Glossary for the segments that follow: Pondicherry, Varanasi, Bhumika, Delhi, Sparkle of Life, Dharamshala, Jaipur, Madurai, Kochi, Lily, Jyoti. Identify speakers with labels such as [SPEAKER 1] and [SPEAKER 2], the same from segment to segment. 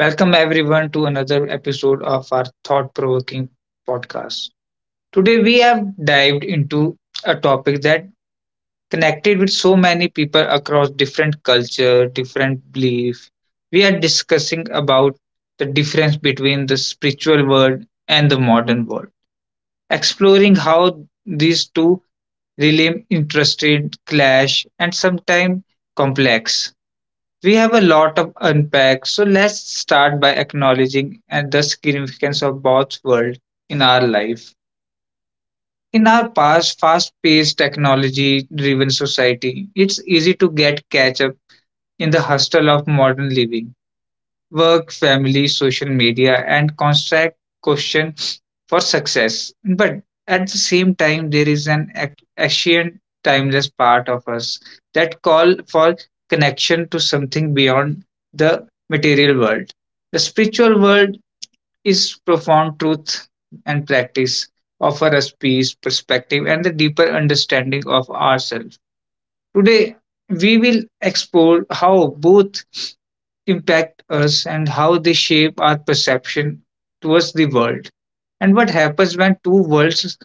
[SPEAKER 1] Welcome everyone to another episode of our thought provoking podcast. Today we have dived into a topic that connected with so many people across different culture, different belief. We are discussing about the difference between the spiritual world and the modern world, exploring how these two really interested, clash, and sometimes complex. We have a lot of unpack, so let's start by acknowledging and the significance of Bob's world in our life. In our past fast-paced technology-driven society, it's easy to get catch up in the hustle of modern living work, family, social media, and constant question for success. But at the same time, there is an ancient, timeless part of us that call for connection to something beyond the material world. The spiritual world is profound truth and practice offer us peace, perspective, and the deeper understanding of ourselves. Today, we will explore how both impact us and how they shape our perception towards the world. And what happens when two worlds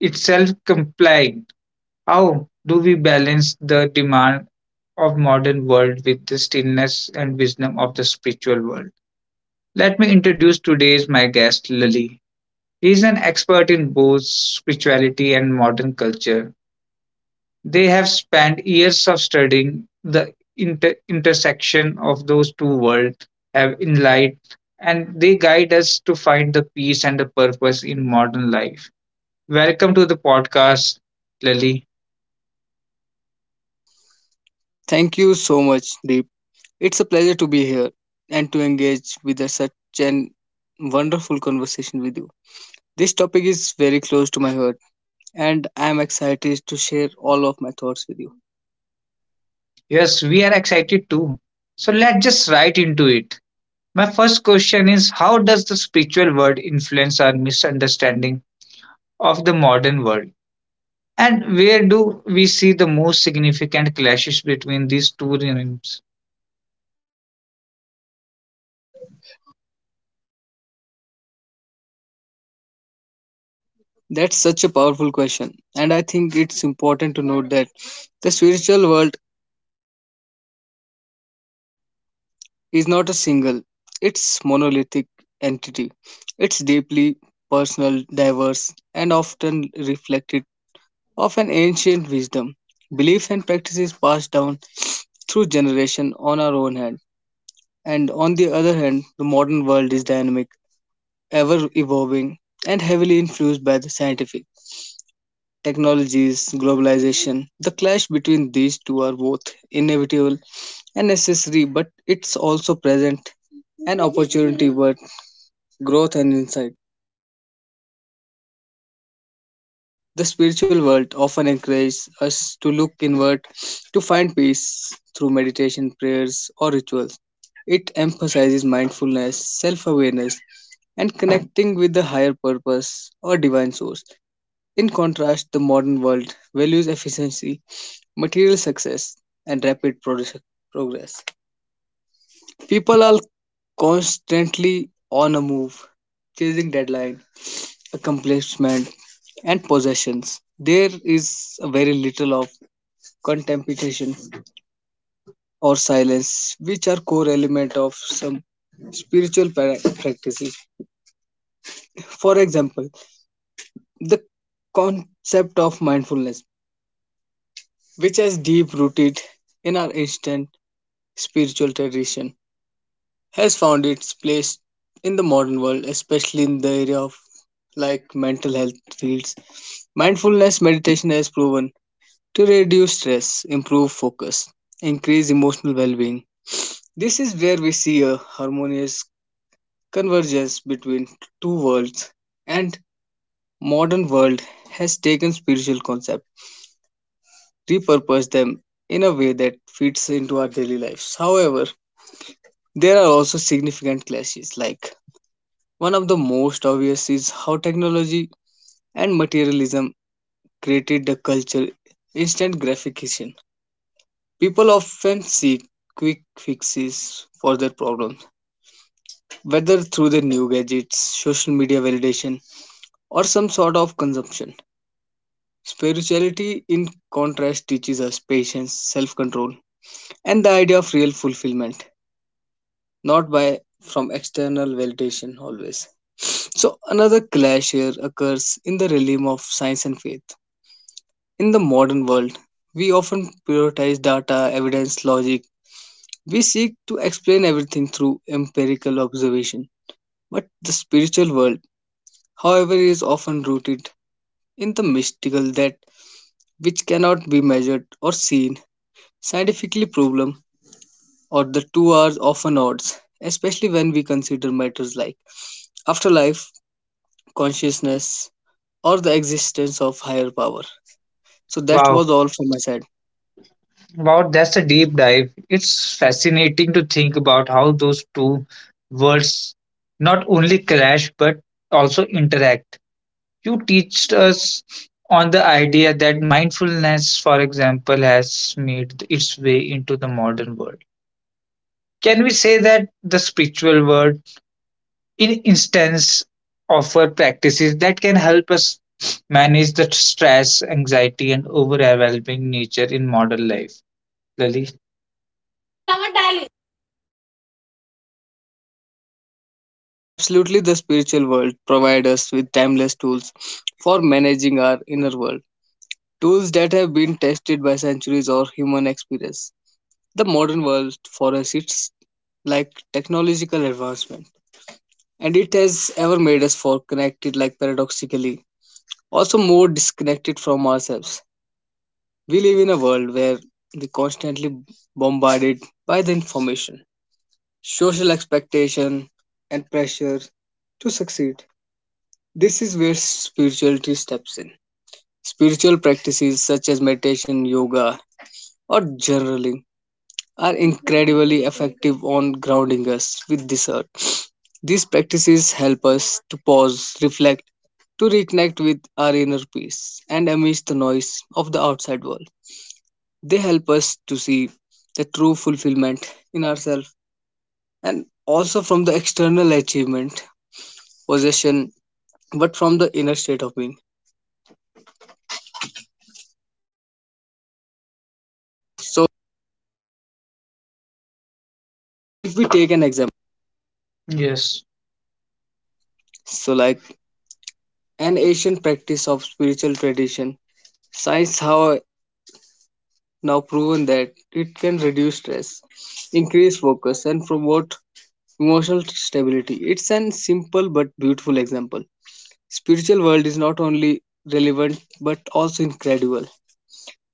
[SPEAKER 1] itself collide? How do we balance the demand of modern world with the stillness and wisdom of the spiritual world? Let me introduce today's my guest Lily. He is an expert in both spirituality and modern culture they have spent years of studying the intersection of those two worlds have in light, and they guide us to find the peace and the purpose in modern life. Welcome to the podcast, Lily.
[SPEAKER 2] Thank you so much, Deep. It's a pleasure to be here and to engage with such an wonderful conversation with you. This topic is very close to my heart, and I am excited to share all of my thoughts with you.
[SPEAKER 1] Yes, we are excited too. So let's just right into it. My first question is how does the spiritual world influence our misunderstanding of the modern world? And where do we see the most significant clashes between these two realms?
[SPEAKER 2] That's such a powerful question, and I think it's important to note that the spiritual world is not a single, it's monolithic entity. It's deeply personal, diverse, and often reflected of an ancient wisdom, beliefs and practices passed down through generation on our own hand. And on the other hand, the modern world is dynamic, ever evolving, and heavily influenced by the scientific technologies, globalization. The clash between these two are both inevitable and necessary, but it's also present an opportunity for growth and insight. The spiritual world often encourages us to look inward to find peace through meditation, prayers, or rituals. It emphasizes mindfulness, self awareness, and connecting with the higher purpose or divine source. In contrast, the modern world values efficiency, material success, and rapid progress. People are constantly on a move, chasing deadlines accomplishment, and possessions. There is very little of contemplation or silence, which are core element of some spiritual practices. For example, the concept of mindfulness, which is deep rooted in our ancient spiritual tradition, has found its place in the modern world, especially in the area of like mental health fields. Mindfulness meditation has proven to reduce stress, improve focus, increase emotional well being. This is where we see a harmonious convergence between two worlds, and modern world has taken spiritual concepts, repurposed them in a way that fits into our daily lives. However, there are also significant clashes, like one of the most obvious is how technology and materialism created the culture instant gratification. People often seek quick fixes for their problems, whether through their new gadgets, social media validation, or some sort of consumption. Spirituality, in contrast, teaches us patience, self control, and the idea of real fulfillment, not by from external validation always. So, another clash here occurs in the realm of science and faith. In the modern world, we often prioritize data, evidence, logic. We seek to explain everything through empirical observation, but the spiritual world, however, is often rooted in the mystical that which cannot be measured or seen scientifically problem or the two are often odds, especially when we consider matters like afterlife, consciousness, or the existence of higher power. So that
[SPEAKER 1] Wow,
[SPEAKER 2] was all from my side.
[SPEAKER 1] wow, that's a deep dive. It's fascinating to think about how those two worlds not only clash but also interact. You teach us on the idea that mindfulness, for example, has made its way into the modern world. Can we say that the spiritual world, in instance, offer practices that can help us manage the stress, anxiety, and overwhelming nature in modern life? Lily?
[SPEAKER 2] Absolutely, the spiritual world provides us with timeless tools for managing our inner world. Tools that have been tested by centuries or human experience. The modern world for us it's like technological advancement, and it has ever made us for connected like paradoxically, also more disconnected from ourselves. We live in a world where we constantly bombarded by the information, social expectation, and pressure to succeed. This is where spirituality steps in. Spiritual practices such as meditation, yoga, or journaling are incredibly effective on grounding us with this earth. These practices help us to pause, reflect, to reconnect with our inner peace and amidst the noise of the outside world. They help us to see the true fulfillment in ourselves and also from the external achievement, possession, but from the inner state of being. So, if we take an example,
[SPEAKER 1] Yes.
[SPEAKER 2] so like an ancient practice of spiritual tradition, science, how now proven that it can reduce stress, increase focus, and promote emotional stability. It's an simple but beautiful example. Spiritual world is not only relevant but also incredible.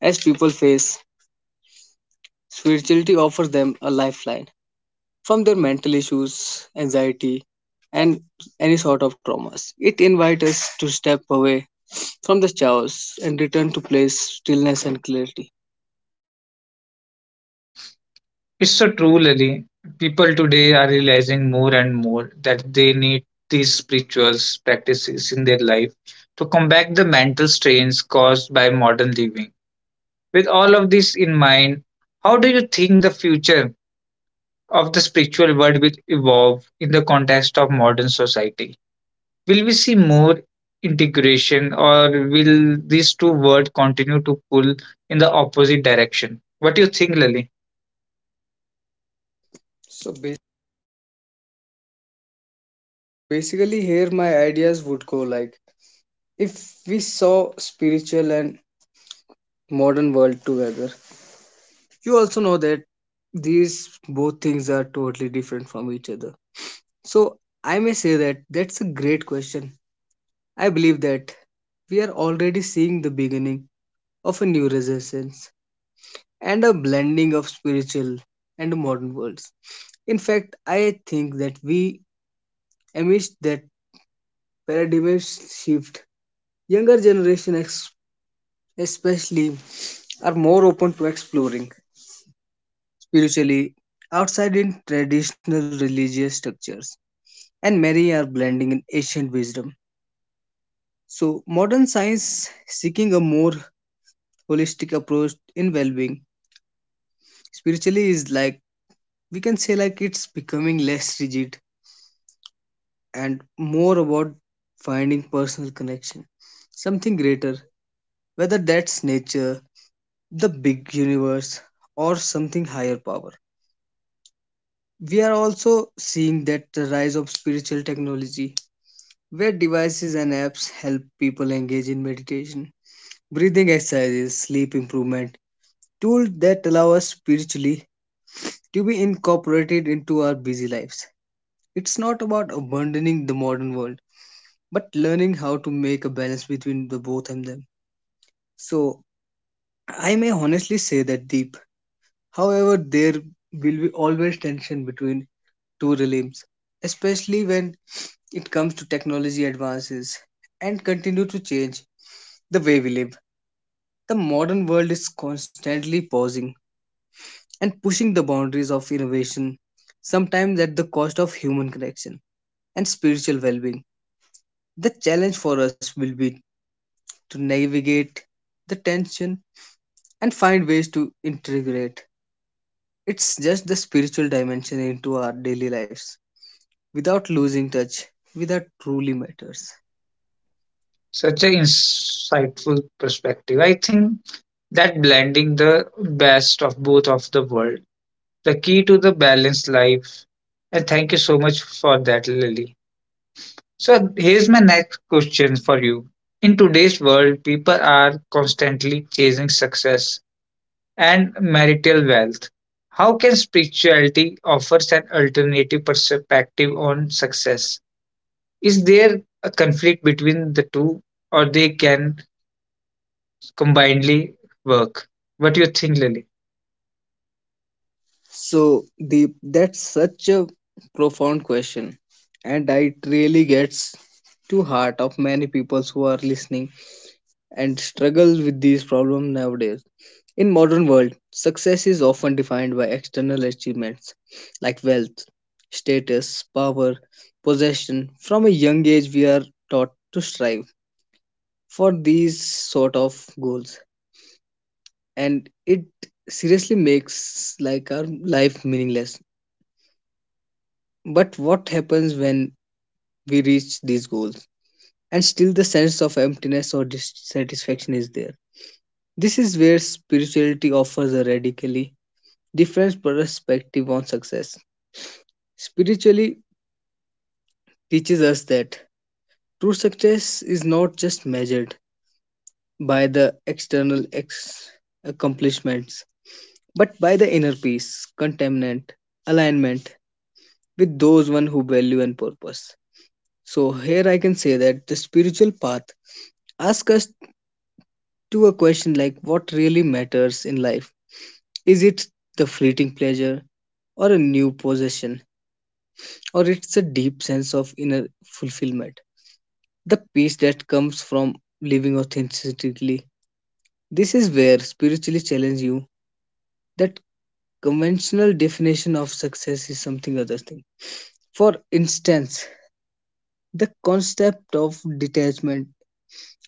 [SPEAKER 2] As people face, spirituality offers them a lifeline from their mental issues, anxiety, and any sort of traumas. It invites us to step away from the chaos and return to place, stillness, and clarity.
[SPEAKER 1] It's so true, Lily. People today are realizing more and more that they need these spiritual practices in their life to combat the mental strains caused by modern living. With all of this in mind, how do you think the future of the spiritual world will evolve in the context of modern society? Will we see more integration or will these two worlds continue to pull in the opposite direction? What do you think, Lily?
[SPEAKER 2] So, so basically, here my ideas would go like if we saw spiritual and modern world together, you also know that these both things are totally different from each other. So I may say that that's a great question. I believe that we are already seeing the beginning of a new renaissance and a blending of spiritual and modern worlds. In fact, I think that we, amidst that paradigm shift, younger generation especially are more open to exploring spiritually outside in traditional religious structures, and many are blending in ancient wisdom. So, modern science seeking a more holistic approach in well being spiritually is like we can say like it's becoming less rigid and more about finding personal connection, something greater, whether that's nature, the big universe, or something higher power. We are also seeing that the rise of spiritual technology where devices and apps help people engage in meditation, breathing exercises, sleep improvement, tools that allow us spiritually to be incorporated into our busy lives. It's not about abandoning the modern world, but learning how to make a balance between the both and them. So, I may honestly say that deep. However, there will be always tension between two realms, especially when it comes to technology advances and continue to change the way we live. The modern world is constantly pausing and pushing the boundaries of innovation, sometimes at the cost of human connection and spiritual well being. The challenge for us will be to navigate the tension and find ways to integrate it's just the spiritual dimension into our daily lives without losing touch with what truly matters.
[SPEAKER 1] Such an insightful perspective. I think that blending the best of both of the world, the key to the balanced life. And thank you so much for that, Lily. So here's my next question for you. In today's world, people are constantly chasing success and marital wealth. How can spirituality offers an alternative perspective on success? Is there a conflict between the two, or they can combinedly work. What do you think, Lily?
[SPEAKER 2] So the that's such a profound question, and it really gets to heart of many people who are listening and struggle with these problems nowadays. In modern world, success is often defined by external achievements like wealth, status, power, possession. From a young age, we are taught to strive for these sort of goals, and it seriously makes like our life meaningless. But what happens when we reach these goals and still the sense of emptiness or dissatisfaction is there? This is where spirituality offers a radically different perspective on success. Spiritually teaches us that true success is not just measured by the external accomplishments, but by the inner peace, contentment, alignment with those one who value and purpose. So here I can say that the spiritual path asks us to a question like what really matters in life. Is it the fleeting pleasure or a new possession? Or it's a deep sense of inner fulfillment, the peace that comes from living authentically. This is where spiritually challenge you that conventional definition of success is something other thing. For instance, the concept of detachment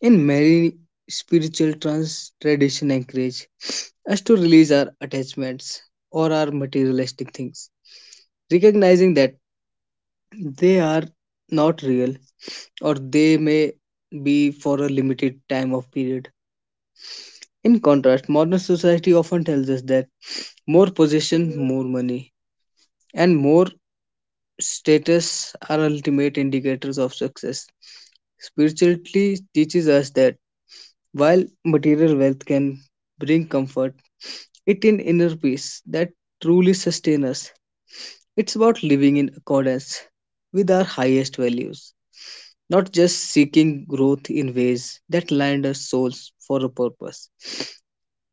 [SPEAKER 2] in many spiritual trans tradition anchorage us to release our attachments or our materialistic things, recognizing that they are not real or they may be for a limited time of period. In contrast, modern society often tells us that more possession, more money, and more status are ultimate indicators of success. Spirituality teaches us that while material wealth can bring comfort, it in inner peace that truly sustains us. It's about living in accordance with our highest values, not just seeking growth in ways that land our souls for a purpose.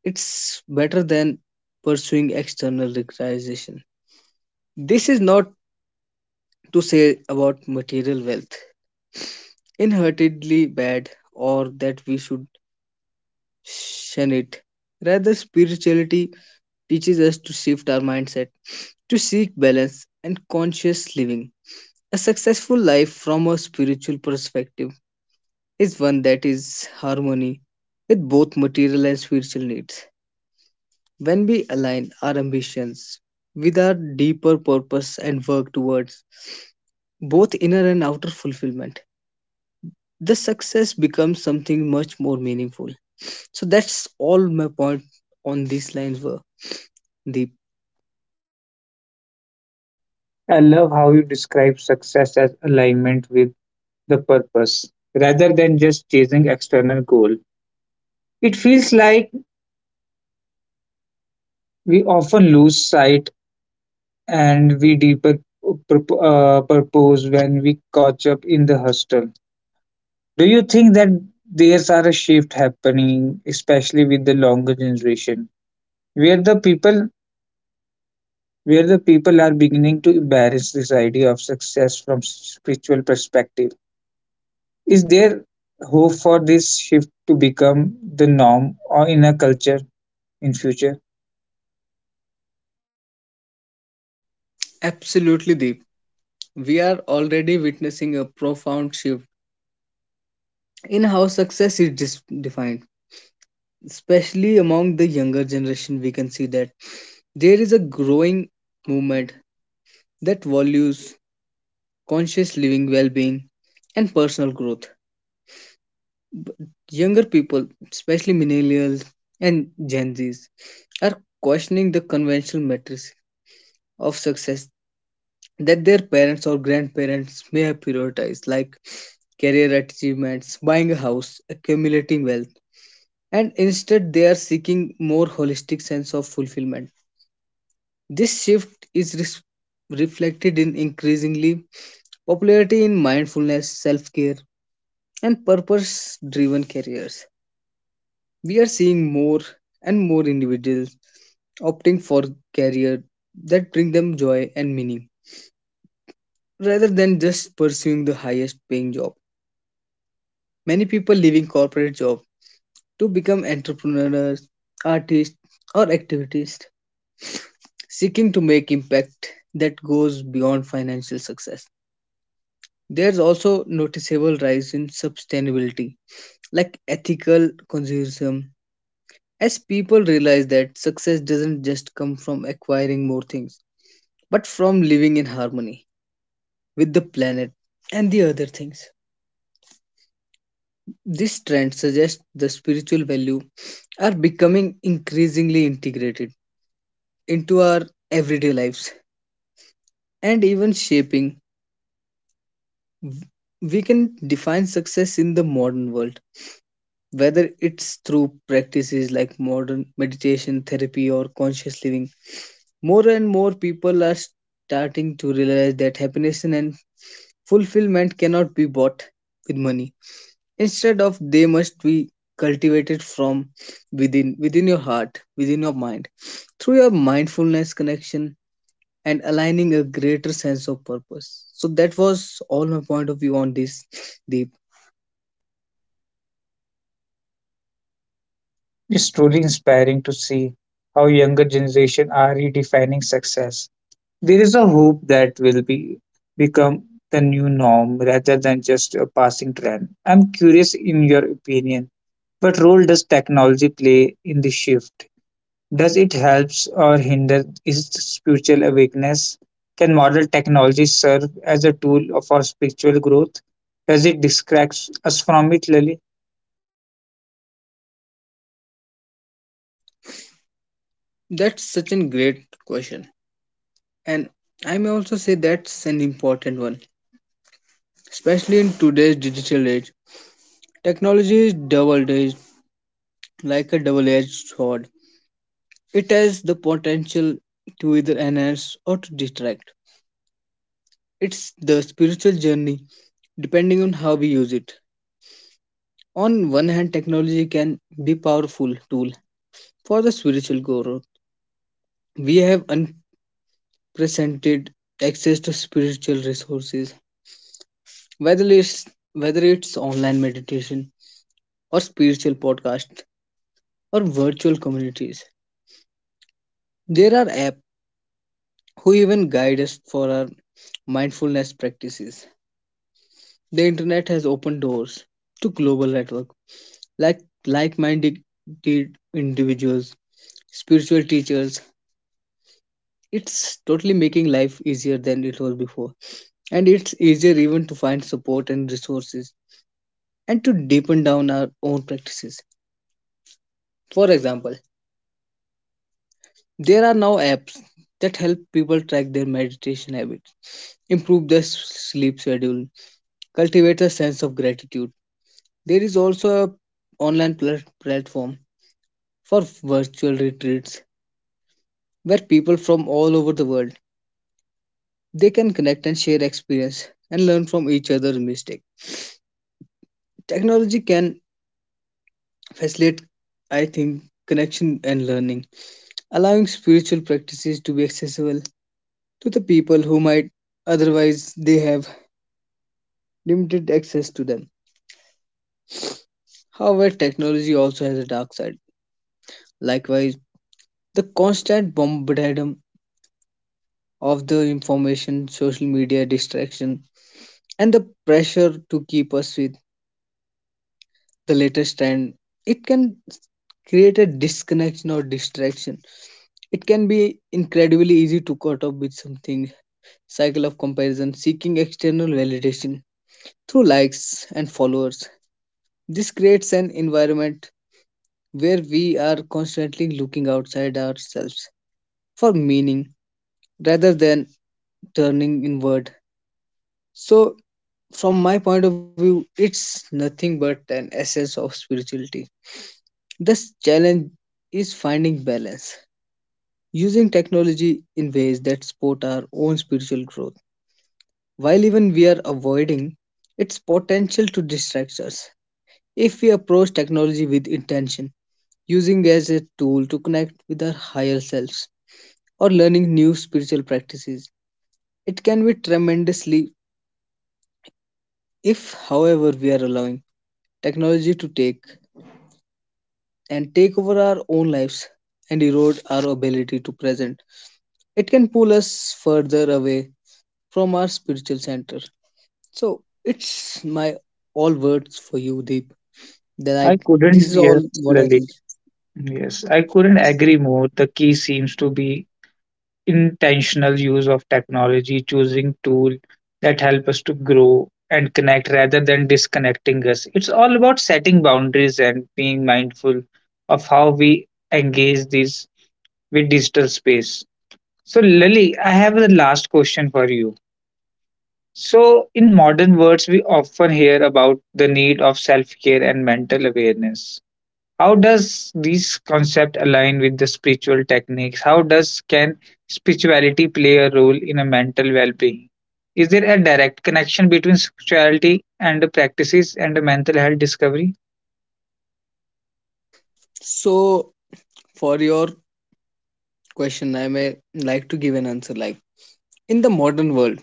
[SPEAKER 2] It's better than pursuing external recognition. This is not to say about material wealth, inherently bad, or that we should shun it. Rather, spirituality teaches us to shift our mindset to seek balance and conscious living. A successful life from a spiritual perspective is one that is harmony with both material and spiritual needs. When we align our ambitions with our deeper purpose and work towards both inner and outer fulfillment, the success becomes something much more meaningful. So that's all my point on these lines were, Deep.
[SPEAKER 1] I love how you describe success as alignment with the purpose rather than just chasing external goal. It feels like we often lose sight and we deeper purpose when we catch up in the hustle. Do you think that there's are a shift happening, especially with the longer generation, where the people where the people are beginning to embrace this idea of success from spiritual perspective? Is there hope for this shift to become the norm or in a culture in future?
[SPEAKER 2] Absolutely, Deep. We are already witnessing a profound shift in how success is defined, especially among the younger generation we can see that there is a growing movement that values conscious living, well being, and personal growth. Younger people, especially millennials and Gen Zs, are questioning the conventional metrics of success that their parents or grandparents may have prioritized, like career achievements, buying a house, accumulating wealth, and instead they are seeking more holistic sense of fulfillment. This shift is reflected in increasingly popularity in mindfulness, self care, and purpose driven careers. We are seeing more and more individuals opting for careers that bring them joy and meaning rather than just pursuing the highest paying job. Many people leaving corporate jobs to become entrepreneurs, artists, or activists seeking to make impact that goes beyond financial success. There's also noticeable rise in sustainability like ethical consumerism. As people realize that success doesn't just come from acquiring more things, but from living in harmony with the planet and the other things. This trend suggests the spiritual value are becoming increasingly integrated into our everyday lives and even shaping. We can define success in the modern world, whether it's through practices like modern meditation, therapy, or conscious living. More and more people are starting to realize that happiness and fulfillment cannot be bought with money. Instead of they must be cultivated from within within your heart, within your mind. Through your mindfulness connection and aligning a greater sense of purpose. So that was all my point of view on this, Deep.
[SPEAKER 1] It's truly inspiring to see how younger generation are redefining success. There is a hope that will be become the new norm rather than just a passing trend. I'm curious in your opinion, what role does technology play in the shift? Does it helps or hinder is spiritual awakeness? Can modern technology serve as a tool for spiritual growth? Does it distract us from it, Lily?
[SPEAKER 2] That's such a great question. And I may also say that's an important one, especially in today's digital age. Technology is double edged like a double edged sword. It has the potential to either enhance or to detract. It's the spiritual journey, depending on how we use it. On one hand, technology can be a powerful tool for the spiritual growth. We have unprecedented access to spiritual resources, whether it's whether it's online meditation or spiritual podcasts or virtual communities. There are apps who even guide us for our mindfulness practices. The internet has opened doors to global network like like-minded individuals, spiritual teachers. It's totally making life easier than it was before. And it's easier even to find support and resources and to deepen down our own practices. For example, there are now apps that help people track their meditation habits, improve their sleep schedule, cultivate a sense of gratitude. There is also a online platform for virtual retreats where people from all over the world they can connect and share experience and learn from each other's mistake. Technology can facilitate, I think, connection and learning, allowing spiritual practices to be accessible to the people who might otherwise they have limited access to them. However, technology also has a dark side. Likewise, the constant bombardment of the information, social media distraction, and the pressure to keep us with the latest trend, it can create a disconnection or distraction. It can be incredibly easy to caught up with something, cycle of comparison, seeking external validation through likes and followers. This creates an environment where we are constantly looking outside ourselves for meaning rather than turning inward. So, from my point of view, it's nothing but an essence of spirituality. This challenge is finding balance using technology in ways that support our own spiritual growth, while even we are avoiding its potential to distract us. If we approach technology with intention, using as a tool to connect with our higher selves or learning new spiritual practices, it can be tremendously if, however, we are allowing technology to take over our own lives and erode our ability to present. It can pull us further away from our spiritual center. So it's my all words for you, Deep. They're
[SPEAKER 1] I
[SPEAKER 2] like this
[SPEAKER 1] couldn't,
[SPEAKER 2] is
[SPEAKER 1] yes,
[SPEAKER 2] all what I
[SPEAKER 1] Lily.
[SPEAKER 2] think.
[SPEAKER 1] Yes, I couldn't agree more. The key seems to be intentional use of technology, choosing tools that help us to grow and connect rather than disconnecting us. It's all about setting boundaries and being mindful of how we engage these with digital space. So, Lily, I have the last question for you. So, in modern words, we often hear about the need of self care and mental awareness. How does these concept align with the spiritual techniques? How does can spirituality play a role in a mental well-being? Is there a direct connection between spirituality and the practices and the mental health discovery?
[SPEAKER 2] So for your question, I may like to give an answer like in the modern world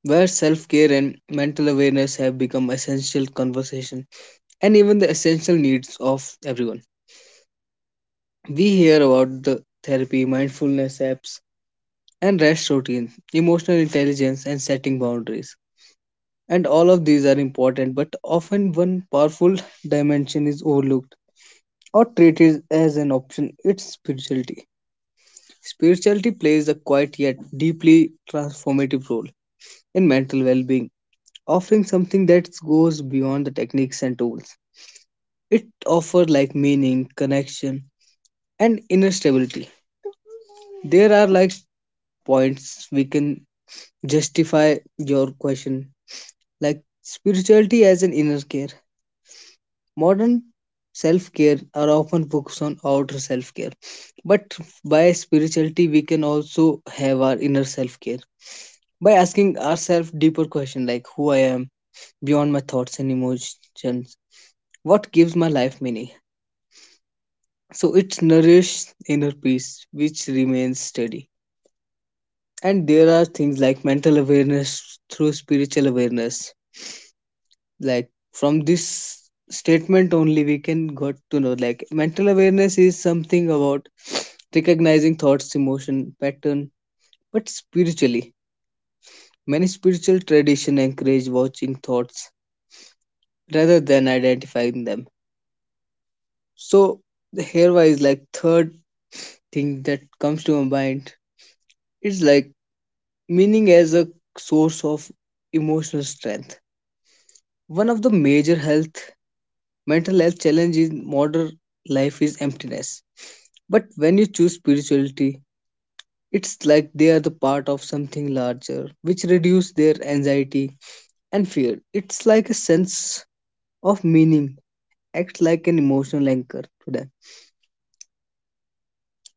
[SPEAKER 2] where self-care and mental awareness have become essential conversation and even the essential needs of everyone. We hear about the therapy, mindfulness apps, and rest routines, emotional intelligence, and setting boundaries. And all of these are important, but often one powerful dimension is overlooked or treat it as an option, it's spirituality. Spirituality plays a quiet yet deeply transformative role in mental well being, offering something that goes beyond the techniques and tools. It offers like meaning, connection, and inner stability. There are like points we can justify your question, like spirituality as an inner care. Modern self care are often focused on outer self care, but by spirituality, we can also have our inner self care by asking ourselves deeper questions like who I am beyond my thoughts and emotions, what gives my life meaning. So it nourishes inner peace, which remains steady. And there are things like mental awareness through spiritual awareness, like from this statement only we can got to know like mental awareness is something about recognizing thoughts emotion pattern but spiritually many spiritual tradition encourage watching thoughts rather than identifying them. So the hereby is like third thing that comes to my mind is like meaning as a source of emotional strength. One of the major health mental health challenge in modern life is emptiness. But when you choose spirituality, it's like they are the part of something larger, which reduce their anxiety and fear. It's like a sense of meaning, acts like an emotional anchor to them.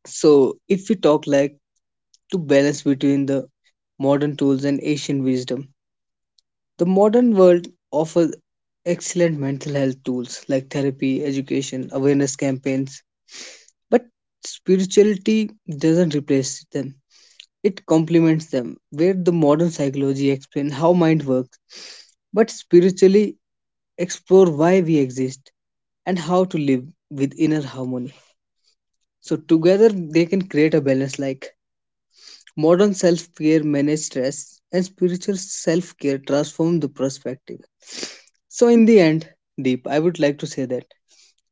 [SPEAKER 2] So if we talk like to balance between the modern tools and ancient wisdom, the modern world offers excellent mental health tools like therapy, education, awareness campaigns, but spirituality doesn't replace them. It complements them, where the modern psychology explains how mind works, but spiritually explore why we exist and how to live with inner harmony. So together they can create a balance like modern self-care manage stress and spiritual self-care transform the perspective. So in the end, Deep, I would like to say that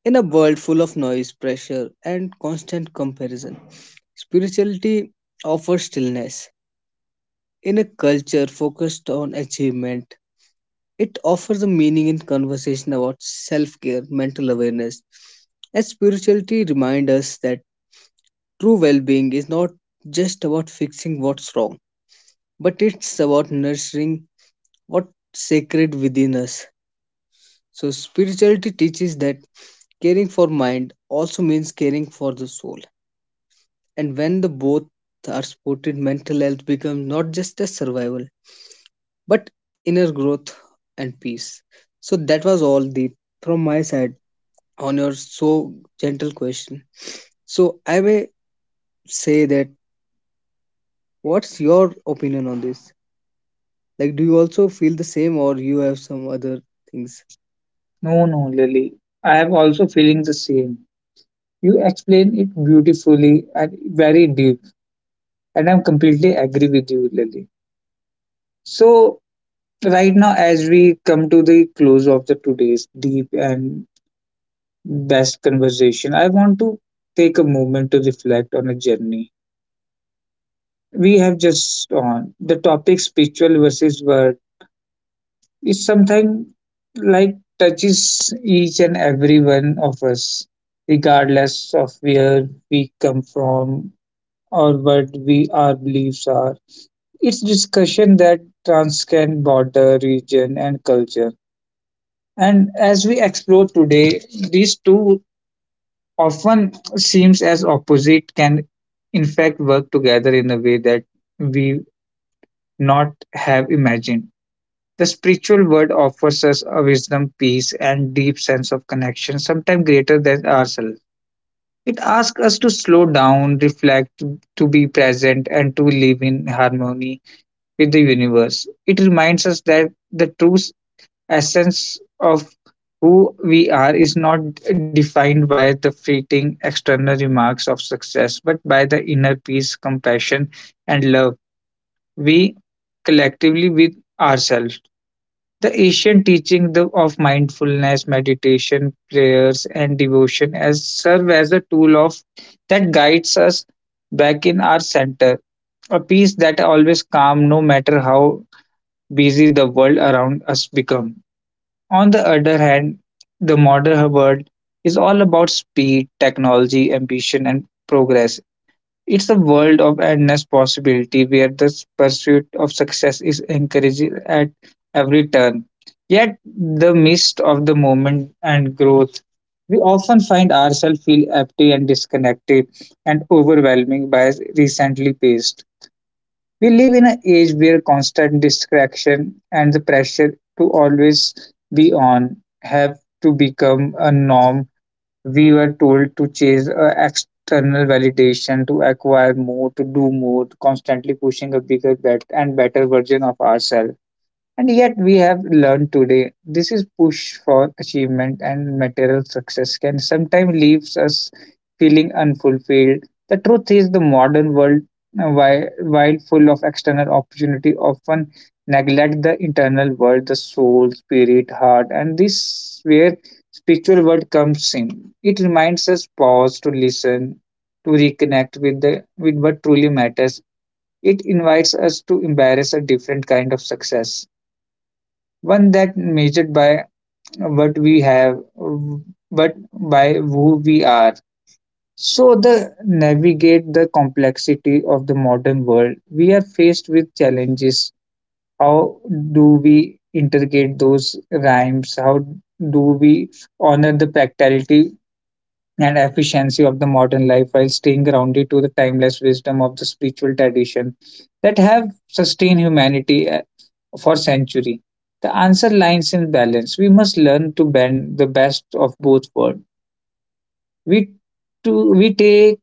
[SPEAKER 2] in a world full of noise, pressure and constant comparison, spirituality offers stillness. In a culture focused on achievement, it offers a meaning in conversation about self care, mental awareness, and spirituality reminds us that true well being is not just about fixing what's wrong, but it's about nurturing what's sacred within us. So, spirituality teaches that caring for mind also means caring for the soul. And when the both are supported, mental health becomes not just a survival but inner growth and peace. So that was all the from my side on your so gentle question. So I may say that what's your opinion on this? Like do you also feel the same or you have some other things?
[SPEAKER 1] No, no, Lily. I am also feeling the same. You explain it beautifully and very deep, and I'm completely agree with you, Lily. So right now, as we come to the close of the today's deep and best conversation. I want to take a moment to reflect on a journey we have just on. The topic spiritual versus word is something like touches each and every one of us, regardless of where we come from or what we our beliefs are. It's discussion that transcend border, region, and culture. And as we explore today, these two often seems as opposite can in fact work together in a way that we not have imagined. The spiritual world offers us a wisdom, peace, and deep sense of connection, sometimes greater than ourselves. It asks us to slow down, reflect, to be present, and to live in harmony with the universe. It reminds us that the true essence of who we are is not defined by the fleeting external remarks of success, but by the inner peace, compassion, and love we collectively with ourselves. The ancient teaching of mindfulness, meditation, prayers, and devotion as serve as a tool of that guides us back in our center, a peace that always calm no matter how busy the world around us become. On the other hand, the modern world is all about speed, technology, ambition, and progress. It's a world of endless possibility where the pursuit of success is encouraged at every turn. Yet, the midst of the moment and growth, we often find ourselves feel empty and disconnected and overwhelming by recently paced. We live in an age where constant distraction and the pressure to always be on have to become a norm. We were told to chase external validation, to acquire more, to do more, to constantly pushing a bigger, and better version of ourselves and yet, we have learned today this is push for achievement and material success can sometimes leaves us feeling unfulfilled. The truth is, the modern world, uh, whi- while full of external opportunity, often neglect the internal world, the soul, spirit, heart, and this where spiritual world comes in. It reminds us pause to listen, to reconnect with the with what truly matters. It invites us to embrace a different kind of success one that measured by what we have, but by who we are. So, the navigate the complexity of the modern world, we are faced with challenges. How do we integrate those rhymes? How do we honor the practicality and efficiency of the modern life while staying grounded to the timeless wisdom of the spiritual tradition that have sustained humanity for century. The answer lies in balance. We must learn to bend the best of both worlds. We, we take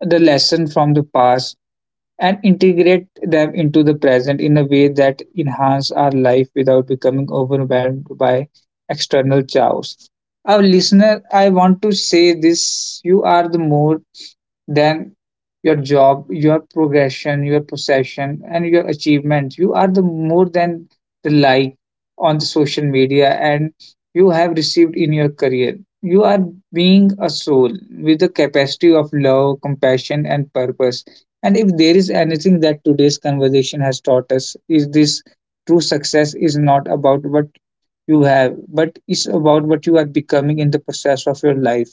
[SPEAKER 1] the lesson from the past and integrate them into the present in a way that enhance our life without becoming overwhelmed by external chaos. Our listener, I want to say this you are the more than your job, your progression, your possession, and your achievement. You are the more than the like on the social media and you have received in your career you are being a soul with the capacity of love, compassion, and purpose. And if there is anything that today's conversation has taught us, is this true success is not about what you have, but it's about what you are becoming in the process of your life.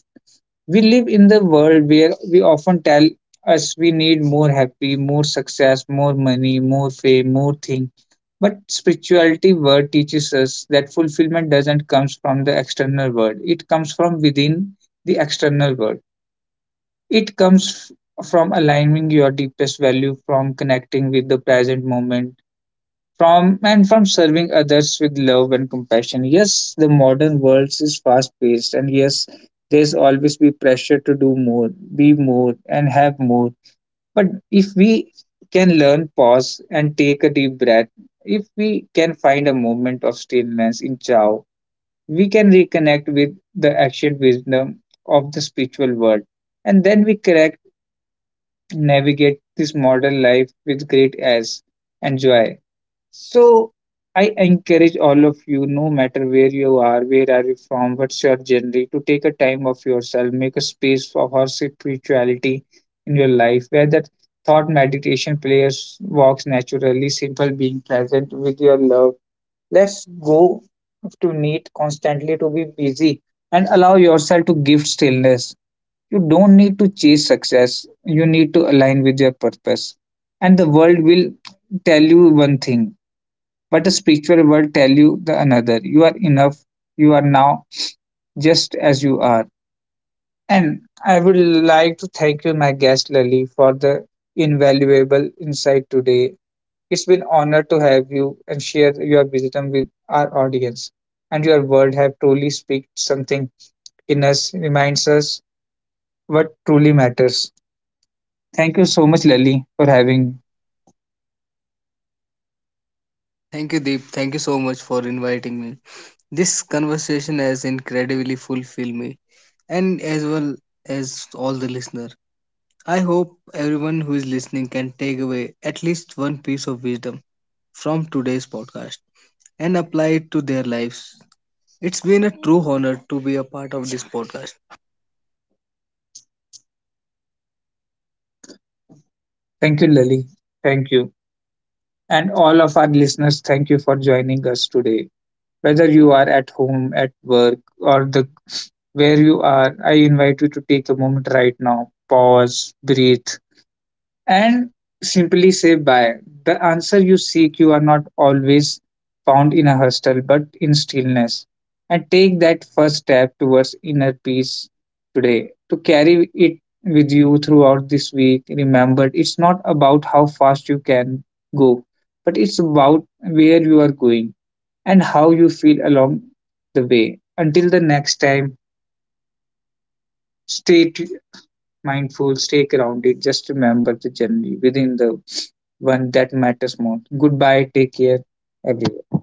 [SPEAKER 1] We live in the world where we often tell us we need more happy, more success, more money, more fame, more thing. But spirituality word teaches us that fulfillment doesn't come from the external world. It comes from within the external world. It comes from aligning your deepest value, from connecting with the present moment, from and from serving others with love and compassion. Yes, the modern world is fast paced, and yes, there's always be pressure to do more, be more, and have more. But if we can learn pause and take a deep breath, if we can find a moment of stillness in Chao, we can reconnect with the ancient wisdom of the spiritual world, and then we correct navigate this modern life with great as and joy. So I encourage all of you, no matter where you are, where are you from, what's your journey, to take a time of yourself, make a space for her spirituality in your life, where that thought meditation players walks naturally, simple being present with your love. Let's go to need constantly to be busy and allow yourself to give stillness. You don't need to chase success. You need to align with your purpose. And the world will tell you one thing but the spiritual world tell you the another you are enough you are now just as you are and I would like to thank you my guest Lily for the invaluable insight today. It's been honor to have you and share your wisdom with our audience and your words have truly speak something in us reminds us what truly matters. Thank you so much, Lily, for having.
[SPEAKER 2] Thank you, Deep. Thank you so much for inviting me. This conversation has incredibly fulfilled me and as well as all the listener. I hope everyone who is listening can take away at least one piece of wisdom from today's podcast and apply it to their lives. It's been a true honor to be a part of this podcast.
[SPEAKER 1] Thank you, Lily. Thank you and all of our listeners, thank you for joining us today. Whether you are at home, at work, or the where you are, I invite you to take a moment right now, pause, breathe, and simply say bye. The answer you seek you are not always found in a hostel, but in stillness. And take that first step towards inner peace today. To carry it with you throughout this week, remember it's not about how fast you can go, but it's about where you are going and how you feel along the way. Until the next time, stay t- mindful, stay grounded. Just remember the journey within the one that matters most. Goodbye, take care, everyone.